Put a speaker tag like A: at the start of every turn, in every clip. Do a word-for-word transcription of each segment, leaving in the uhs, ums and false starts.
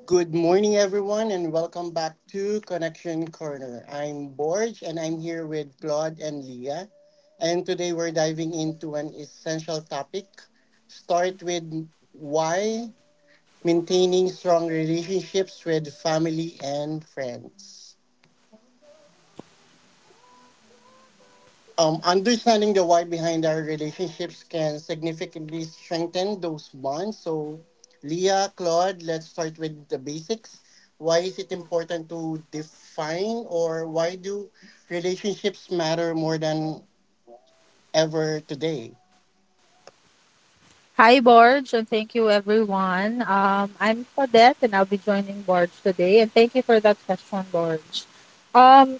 A: Good morning, everyone, and welcome back to Connection Corner. I'm Borge, and I'm here with Claude and Leah. And today we're diving into an essential topic. Start with why maintaining strong relationships with family and friends. Um, understanding the why behind our relationships can significantly strengthen those bonds. So, Leah, Claude, let's start with the basics. Why is it important to define, or why do relationships matter more than ever today?
B: Hi, Borge, and thank you, everyone. Um, I'm Claudette, and I'll be joining Borge today. And thank you for that question, Borge. Um,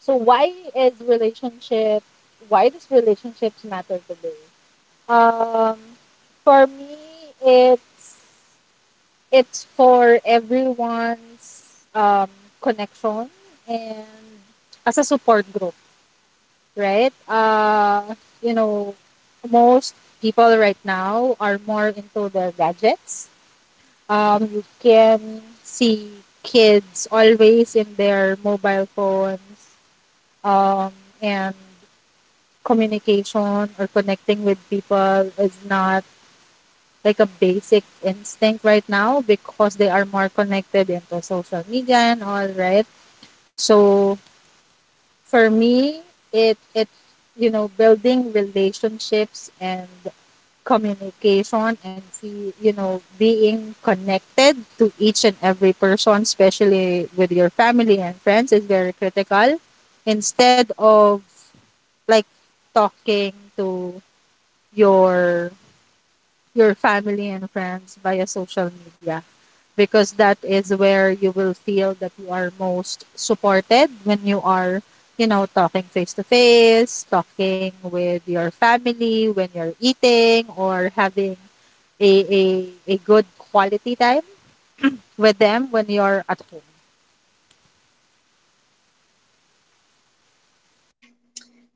B: so, why is relationship? Why does relationships matter today? Um, for me, it's it's for everyone's um, connection and as a support group, right? Uh, you know, Most people right now are more into their gadgets. Um, you can see kids always in their mobile phones, um, and communication or connecting with people is not like a basic instinct right now because they are more connected into social media and all, right? So, for me, it it's you know building relationships and communication, and see, you know being connected to each and every person, especially with your family and friends, is very critical. Instead of, like, talking to your your family and friends via social media, because that is where you will feel that you are most supported when you are, you know talking face to face, talking with your family when you're eating or having a, a a good quality time with them when you're at home.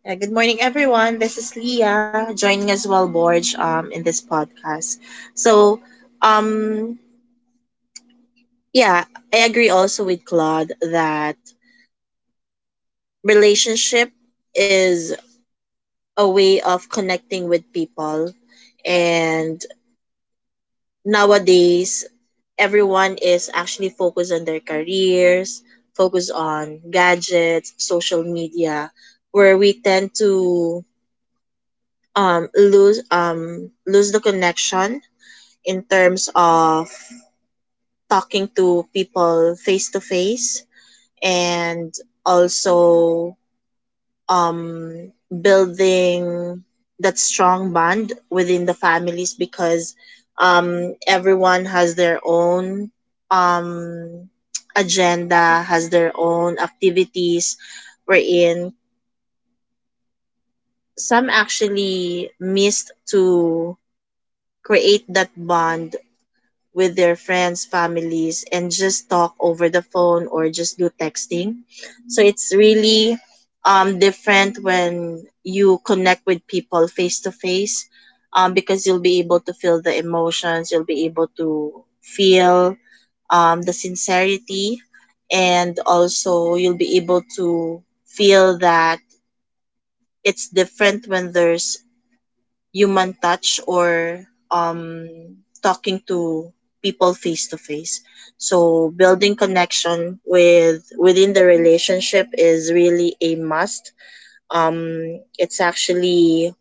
C: Uh, good morning, everyone. This is Leah joining as well, Borge, um, in this podcast. So, um, yeah, I agree also with Claude that relationship is a way of connecting with people, and nowadays everyone is actually focused on their careers, focused on gadgets, social media, where we tend to um, lose um, lose the connection in terms of talking to people face to face and also um, building that strong bond within the families because um, everyone has their own um, agenda, has their own activities wherein some actually missed to create that bond with their friends, families, and just talk over the phone or just do texting. So it's really um, different when you connect with people face to face um, because you'll be able to feel the emotions, you'll be able to feel um, the sincerity, and also you'll be able to feel that it's different when there's human touch or um, talking to people face to face. So building connection with within the relationship is really a must. Um, it's actually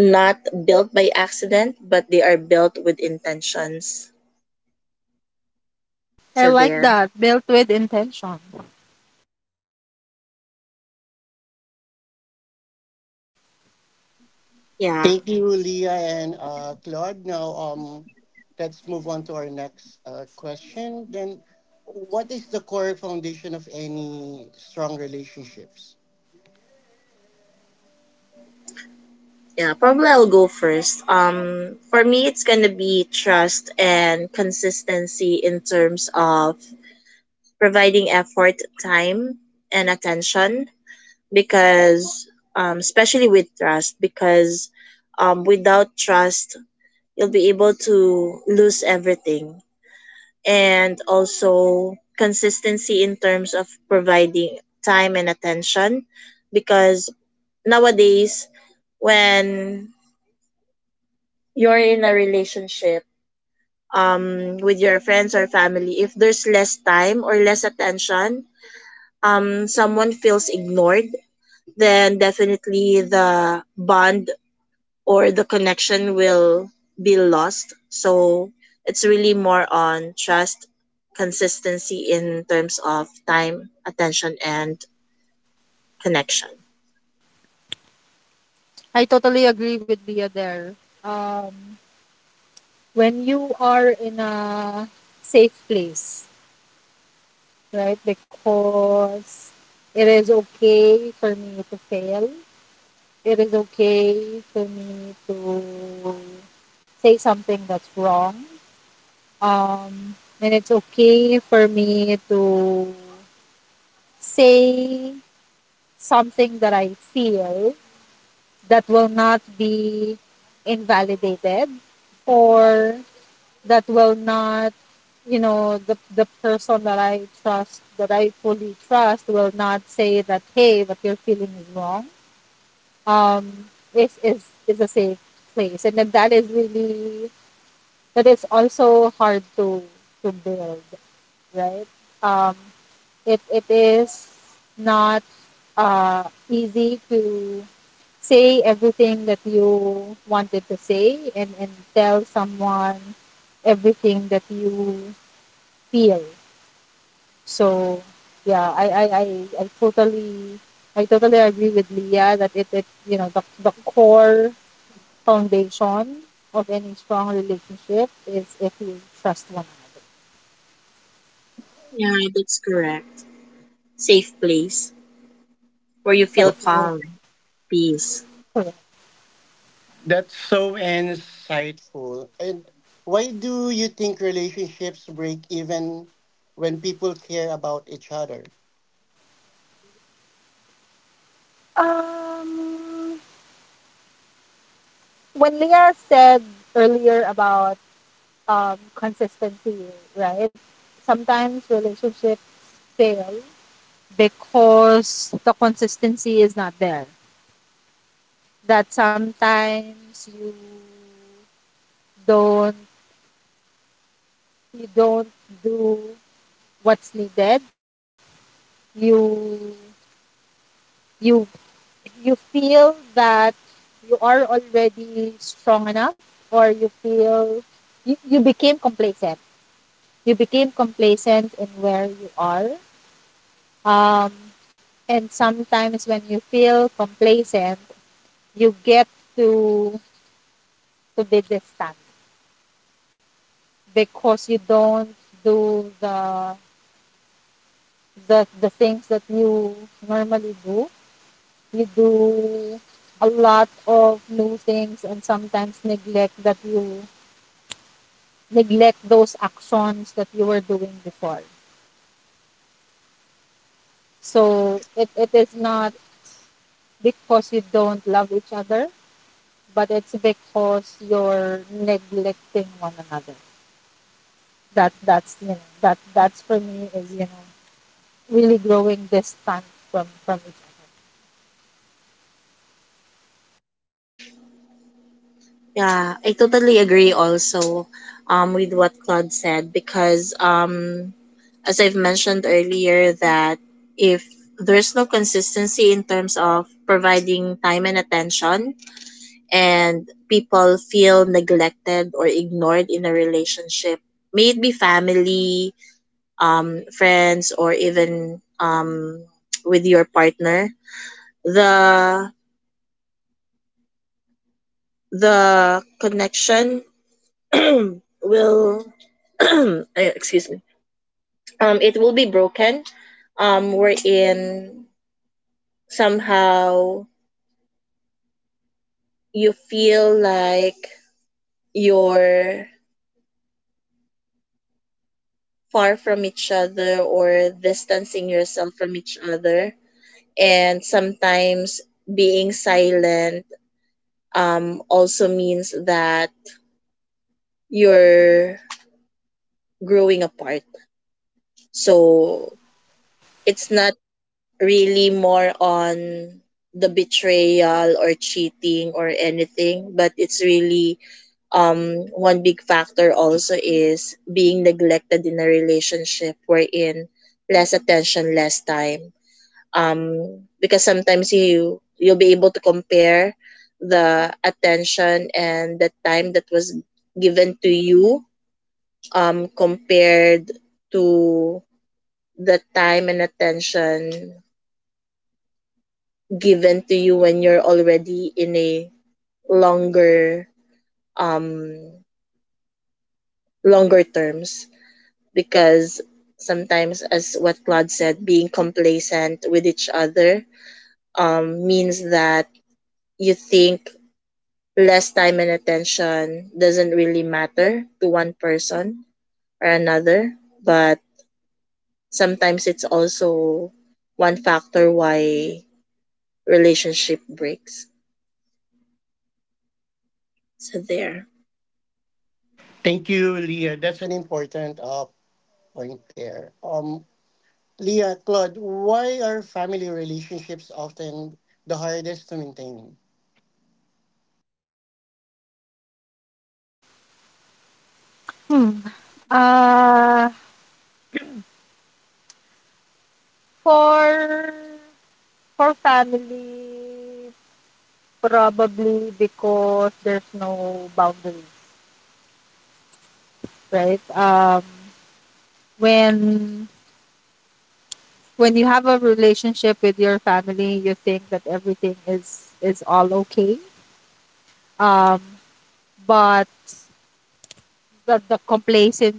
C: not built by accident, but they are built with intentions.
B: I
C: So
B: like
C: there.
B: that, "built with intention."
C: Yeah.
A: Thank you, Leah and uh, Claude. Now, um, let's move on to our next uh, question. Then, what is the core foundation of any strong relationships?
C: Yeah, probably I'll go first. Um, for me, it's gonna be trust and consistency in terms of providing effort, time, and attention because, um, especially with trust, because um, without trust, you'll be able to lose everything. And also consistency in terms of providing time and attention because nowadays, when you're in a relationship um, with your friends or family, if there's less time or less attention, um, someone feels ignored, then definitely the bond or the connection will be lost. So it's really more on trust, consistency in terms of time, attention, and connection.
B: I totally agree with Bia there. um when you are in a safe place, right? Because it is okay for me to fail. It is okay for me to say something that's wrong. Um, and it's okay for me to say something that I feel that will not be invalidated, or that will not, you know the the person that I trust, that I fully trust, will not say that, "Hey, what you're feeling is wrong." um is is is a safe place. And then that is really, that is also hard to to build, right? um it it is not uh easy to say everything that you wanted to say, and and tell someone everything that you feel. So, yeah, I I, I, I totally I totally agree with Leah that it, it you know the, the core foundation of any strong relationship is if you trust one another.
C: Yeah, that's correct. Safe place where you feel
B: That's uh,
C: calm, peace.
B: correct.
A: That's so insightful. And why do you think relationships break even when people care about each other?
B: Um, when Leah said earlier about um, consistency, right? Sometimes relationships fail because the consistency is not there. That sometimes you don't you don't do what's needed. You you you feel that you are already strong enough, or you feel you, you became complacent you became complacent in where you are. Um, and sometimes when you feel complacent, you get to to be distant because you don't do the the, the things that you normally do. You do a lot of new things and sometimes neglect that you neglect those actions that you were doing before. So it, it is not because you don't love each other, but it's because you're neglecting one another. That that's you know that that's for me, is, you know really growing distant from from each
C: Yeah, I totally agree also um, with what Claude said because um, as I've mentioned earlier, that if there's no consistency in terms of providing time and attention, and people feel neglected or ignored in a relationship, may it be family, um, friends, or even um, with your partner, the the connection will eh, excuse me, um, it will be broken, um, wherein somehow you feel like you're far from each other or distancing yourself from each other. And sometimes being silent um, also means that you're growing apart. So it's not really more on the betrayal or cheating or anything, but it's really um one big factor also is being neglected in a relationship wherein less attention, less time, um because sometimes you you'll be able to compare the attention and the time that was given to you um compared to the time and attention given to you when you're already in a longer um longer terms because sometimes, as what Claude said, being complacent with each other um, means that you think less time and attention doesn't really matter to one person or another. But sometimes it's also one factor why relationship breaks. So there.
A: Thank you, Leah. That's an important uh, point there. Um, Leah, Claude, why are family relationships often the hardest to maintain?
B: other. Hmm. Uh, for for family, probably because there's no boundaries, right? Um, when when you have a relationship with your family, you think that everything is is all okay. Um, but the the complacent,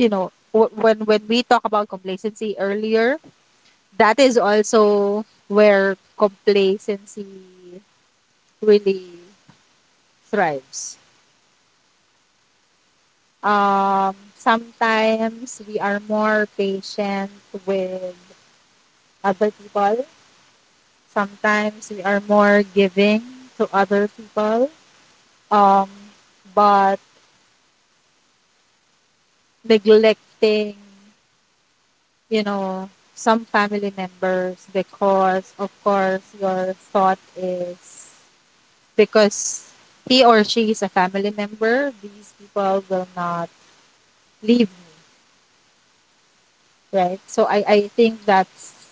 B: you know, wh- when when we talk about complacency earlier, that is also where complacency really thrives. Um, sometimes we are more patient with other people. Sometimes we are more giving to other people. Um, but neglecting, you know, some family members, because of course your thought is, because he or she is a family member, these people will not leave me, right? So, I, I think that's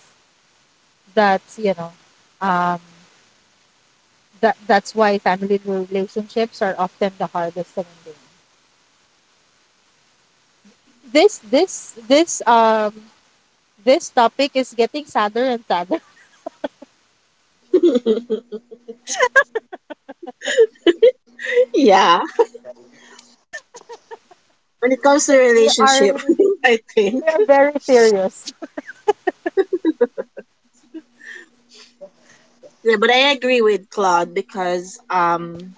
B: That's, you know, um, that that's why family relationships are often the hardest to maintain. This this this um this topic is getting sadder and sadder.
C: Yeah. When it comes to
B: We are
C: relationship, I
B: we
C: think.
B: are very serious.
C: Yeah, but I agree with Claude because um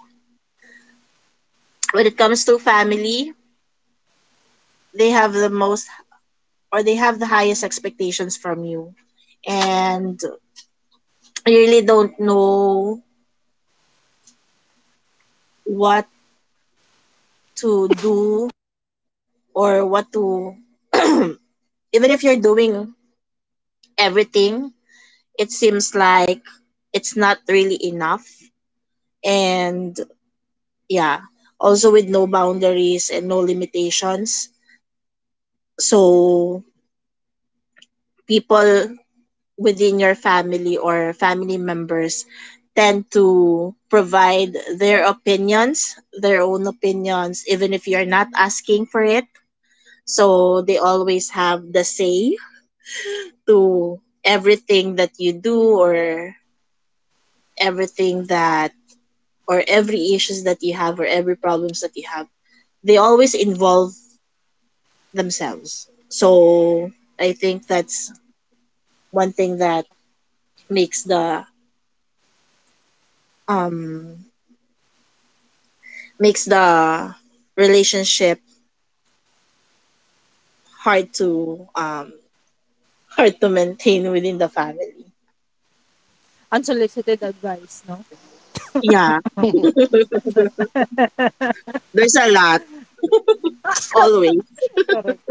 C: when it comes to family, they have the most or they have the highest expectations from you and you really don't know what to do or what to even if you're doing everything, it seems like it's not really enough. And yeah, also with no boundaries and no limitations, so people within your family or family members tend to provide their opinions, their own opinions, even if you're not asking for it. So they always have the say to everything that you do, or everything that, or every issues that you have, or every problems that you have. They always involve themselves. So I think that's one thing that makes the um makes the relationship hard to um hard to maintain within the family.
B: Unsolicited advice, no?
C: Yeah, there's a lot always.
B: Correct.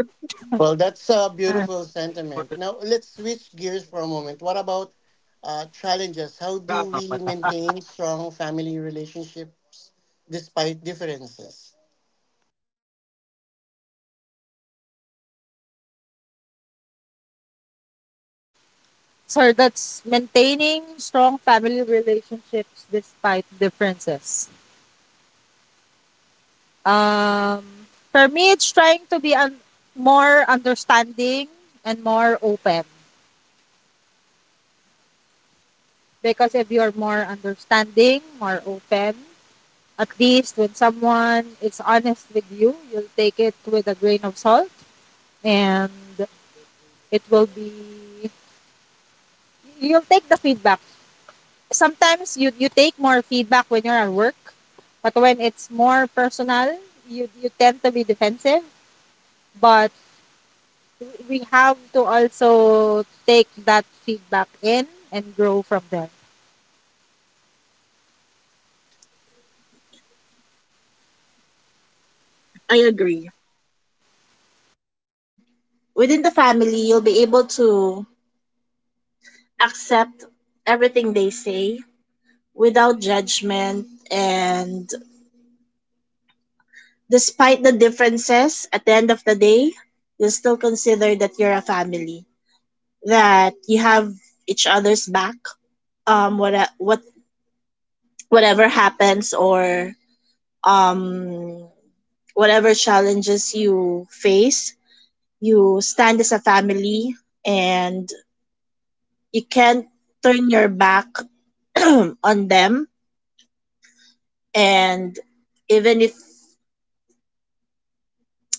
A: Well, that's a
B: Uh,
A: beautiful sentiment. Now, let's switch gears for a moment. What about uh, challenges? How do we maintain strong family relationships despite differences?
B: so that's maintaining strong family relationships despite differences. Um, for me, it's trying to be un- more understanding and more open. Because if you're more understanding, more open, at least when someone is honest with you, you'll take it with a grain of salt and it will be, you'll take the feedback. Sometimes you, you take more feedback when you're at work, but when it's more personal, you, you tend to be defensive. But we have to also take that feedback in and grow from there.
C: I agree. Within the family, you'll be able to accept everything they say without judgment, and despite the differences at the end of the day, you'll still consider that you're a family, that you have each other's back, um what what whatever happens, or um, whatever challenges you face, you stand as a family and you can't turn your back on them. And even if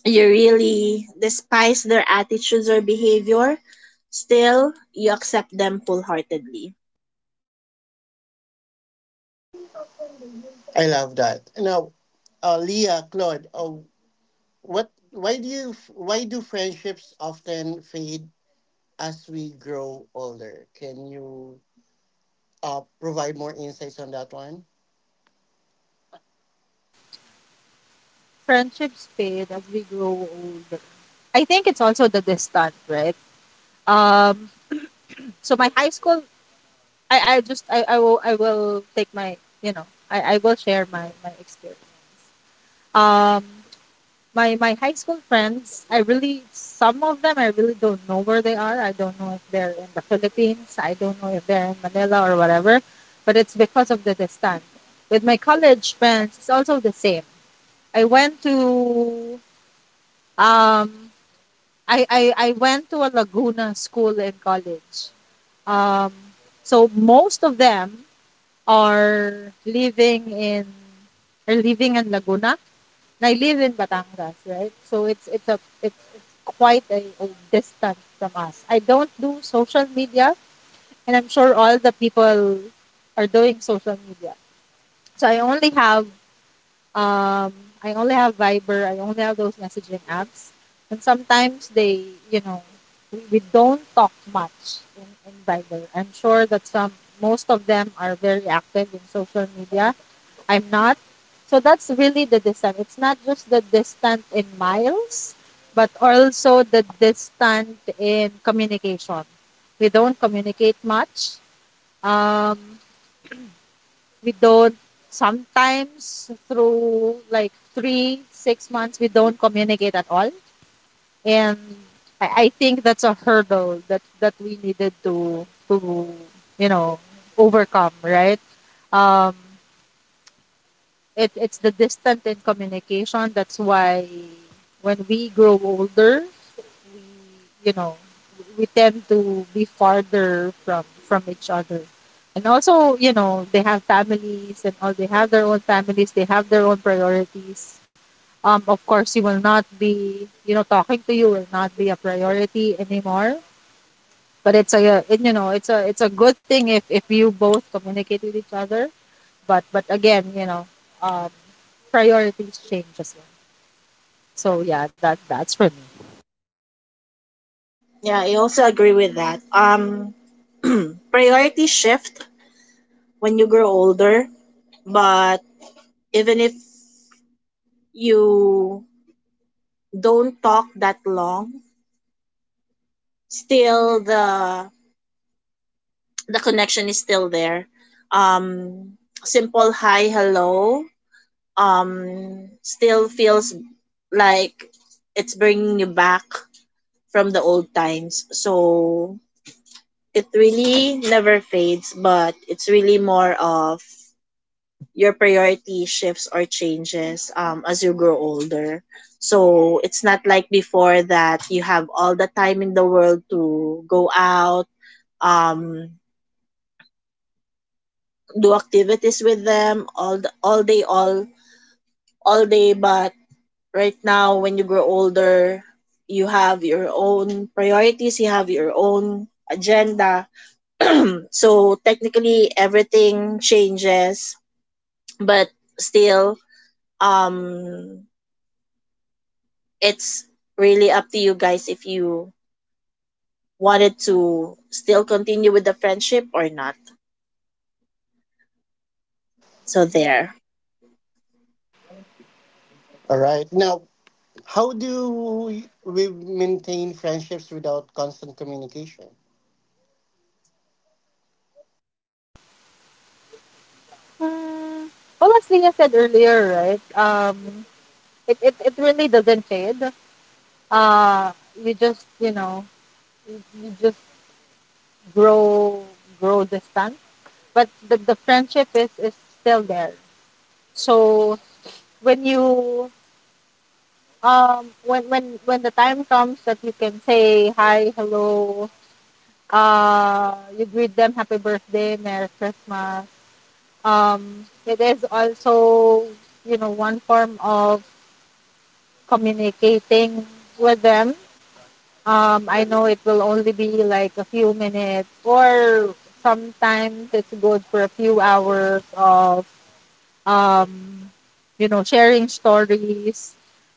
C: you really despise their attitudes or behavior, still you accept them wholeheartedly.
A: I love that. Now, uh, Leah, Claude, uh, what? Why do you? Why do friendships often fade as we grow older? Can you uh, provide more insights on that one?
B: Friendships fade as we grow older. I think it's also the distance, right? Um, so my high school, I, I just, I, I will, I will take my, you know, I, I will share my, my experience. Um, my, my high school friends, I really, some of them, I really don't know where they are. I don't know if they're in the Philippines. I don't know if they're in Manila or whatever, but it's because of the distance. With my college friends, it's also the same. I went to, um, I, I, I went to a Laguna school in college. Um, so most of them are living in are living in Laguna. And I live in Batangas, right? So it's it's a it's, it's quite a, a distance from us. I don't do social media, and I'm sure all the people are doing social media. So I only have um, I only have Viber. I only have those messaging apps. And sometimes they, you know, we, we don't talk much in, in Viber. I'm sure that some, most of them are very active in social media. I'm not. So that's really the distance. It's not just the distance in miles, but also the distance in communication. We don't communicate much. Um, we don't Sometimes through, like, three six months, we don't communicate at all. And I, I think that's a hurdle that that we needed to to you know overcome, right? um it it's the distant in communication, that's why when we grow older, we you know we tend to be farther from from each other. And also, you know they have families and all, they have their own families, they have their own priorities. Um of course, you will not be you know talking to you will not be a priority anymore. But it's a, uh, it, you know it's a it's a good thing if if you both communicate with each other. But but again, you know, um, priorities change as well. So, yeah, that that's for me.
C: Yeah, I also agree with that. Um, priorities shift when you grow older, but even if you don't talk that long, still the the connection is still there. Um, Simple hi hello um still feels like it's bringing you back from the old times. So it really never fades, but it's really more of your priority shifts or changes um, as you grow older. So it's not like before that you have all the time in the world to go out, um, do activities with them all the, all day all all day but right now when you grow older, you have your own priorities, you have your own agenda, so technically everything changes. But still, um it's really up to you guys if you wanted to still continue with the friendship or not. So there.
A: All right. Now, how do we maintain friendships without constant communication?
B: Hmm. Well, as Leah said earlier, right? Um, it, it, it really doesn't fade. Uh, you just, you know you, you just grow grow distant, but the, the friendship is is still there. So when you um when when when the time comes that you can say hi, hello, uh, you greet them happy birthday, Merry Christmas. Um, it is also, you know one form of communicating with them. um, I know it will only be like a few minutes, or sometimes it's good for a few hours of, um, you know sharing stories.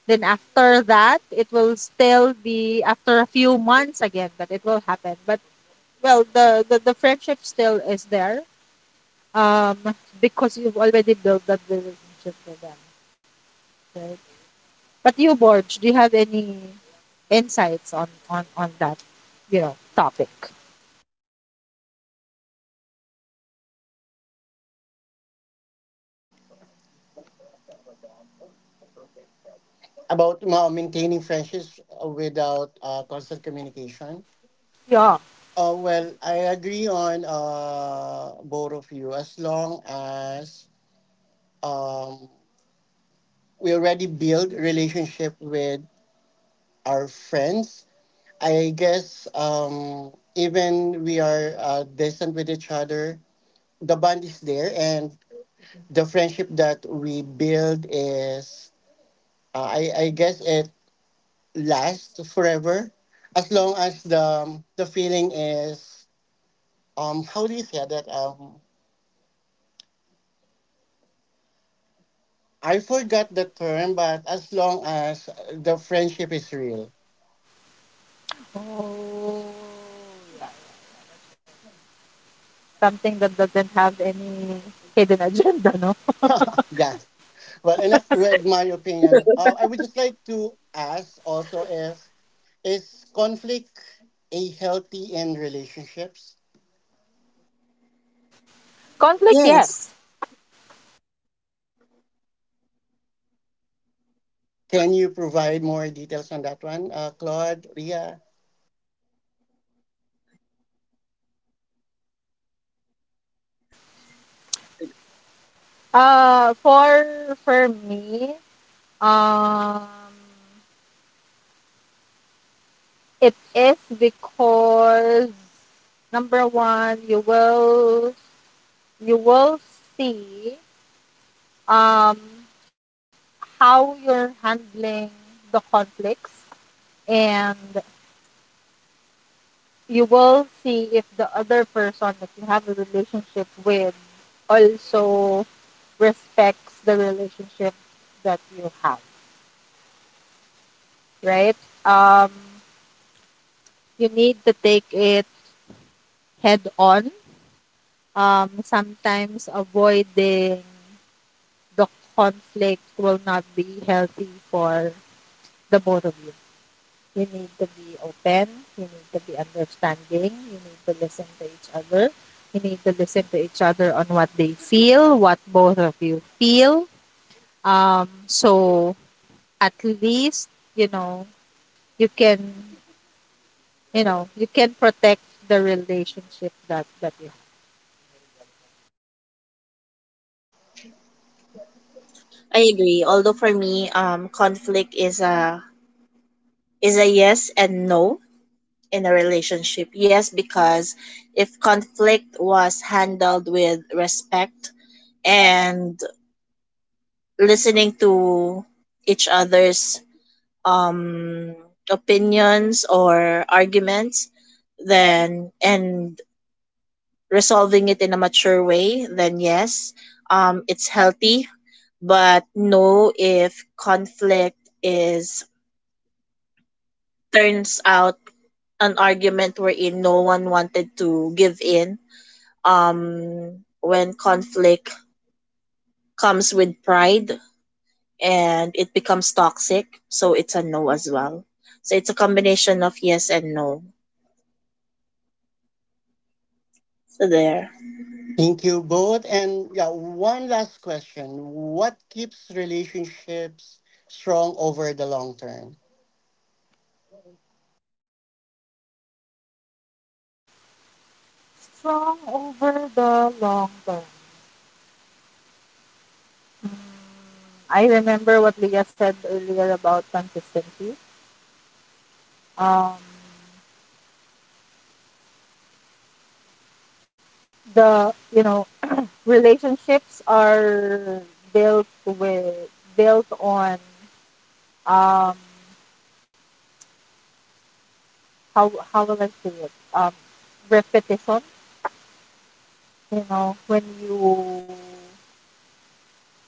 B: Then after that, it will still be after a few months again that it will happen. But, well, the the, the friendship still is there. Um, because you've already built that relationship with them, right? But you, Borge, do you have any insights on on on that, you know, topic?
A: About uh, maintaining friendships without uh, constant communication.
B: Yeah.
A: Uh, well, I agree on uh, both of you. As long as um, we already build relationship with our friends, i guess um even we are uh, distant with each other, the bond is there, and the friendship that we build is, uh, i i guess it lasts forever as long as the um, the feeling is, um how do you say that? Um i forgot the term, but as long as the friendship is real.
B: Oh, yeah, yeah. Something that doesn't have any hidden agenda, no?
A: Yeah. Well, enough with my opinion. Uh, I would just like to ask also, if is conflict a healthy in relationships?
B: Conflict,
C: Yes,
B: yes.
A: Can you provide more details on that one, uh, Claude, Ria?
B: Uh, for for me, um, it is because number one, you will you will see, um, how you're handling the conflicts, and you will see if the other person that you have a relationship with also respects the relationship that you have, right? Um, you need to take it head on. Um, sometimes avoiding the conflict will not be healthy for the both of you. You need to be open, you need to be understanding, you need to listen to each other. You need to listen to each other on what they feel, what both of you feel. Um, so at least, you know, you can, you know, you can protect the relationship that, that you have.
C: I agree, although for me um conflict is a is a yes and no in a relationship. Yes, because if conflict was handled with respect and listening to each other's um, opinions or arguments, then and resolving it in a mature way, then yes, um, it's healthy. But no, if conflict is, turns out an argument wherein no one wanted to give in. Um, when conflict comes with pride and it becomes toxic, so it's a no as well. So it's a combination of yes and no. So there.
A: Thank you both. And yeah, one last question: what keeps relationships strong over the long term?
B: Strong over the long term. Mm, I remember what Leah said earlier about consistency. Um, the, you know, relationships are built with built on, um how how will I say it um repetition. You know, when you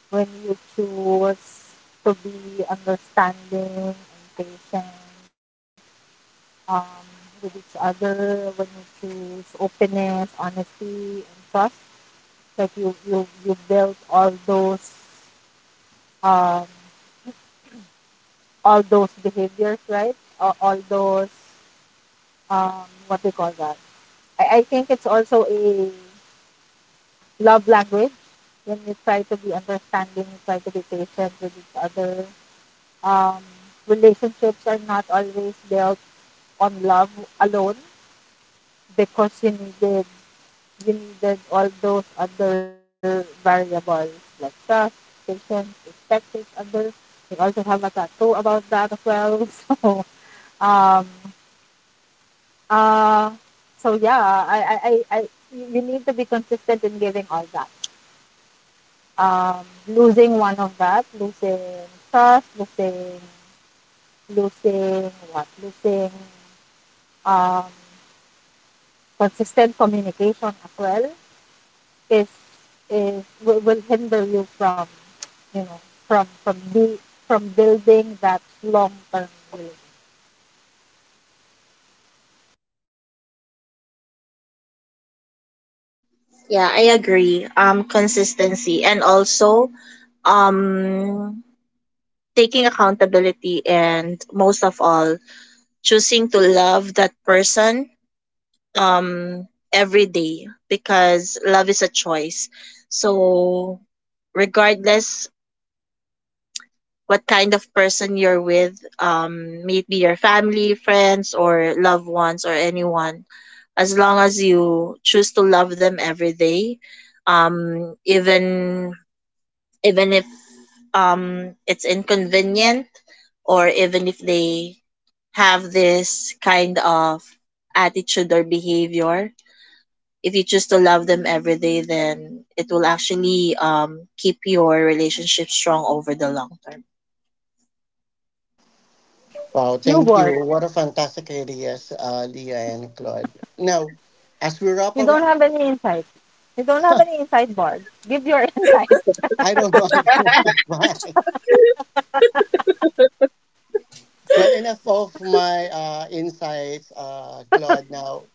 B: when you choose to be understanding and patient, um with each other, when you choose openness, honesty, and trust, like, you you you build all those um all those behaviors, right? Uh, all those, um, what do you call that? I, I think it's also a love language, when you try to be understanding, you try to be patient with each other. Um, Relationships are not always built on love alone, because you needed you needed all those other variables, like trust, patience, respect each other. We also have a tattoo about that as well. So um, Uh, so yeah, I, I, I, I, you need to be consistent in giving all that. Um, losing one of that, losing trust, losing, losing what, losing, um, consistent communication as well is, is will, will hinder you from, you know, from from be, from building that long term relationship.
C: Yeah, I agree. Um, consistency and also um taking accountability, and most of all choosing to love that person um every day, because love is a choice. So regardless what kind of person you're with, um, maybe your family, friends, or loved ones, or anyone, as long as you choose to love them every day, um, even even if um, it's inconvenient, or even if they have this kind of attitude or behavior, if you choose to love them every day, then it will actually um, keep your relationship strong over the long term.
A: Wow,
B: You,
A: thank you.
B: Board,
A: What a fantastic ideas, uh, Leah and Claude. Now, as we wrap
B: you
A: up,
B: don't have any insight. You don't have any insight, Board. Give your insight.
A: I don't want to. Bye. Well, enough of my uh, insights, uh, Claude. Now,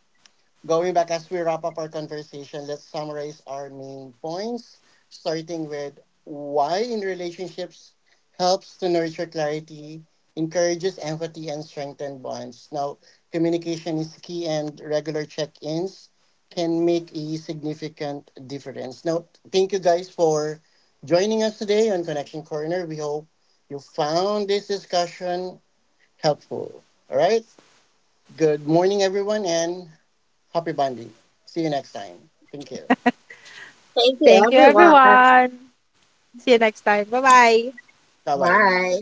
A: going back, as we wrap up our conversation, let's summarize our main points, starting with why in relationships helps to nurture clarity, encourages empathy, and strengthen bonds. Now, communication is key, and regular check ins can make a significant difference. Now, thank you guys for joining us today on Connection Corner. We hope you found this discussion helpful. All right. Good morning, everyone, and happy bonding. See you next time. Thank you.
C: Thank you,
B: Thank you,
C: everyone.
B: everyone. See you next time. Bye bye.
A: Bye bye.
C: Bye.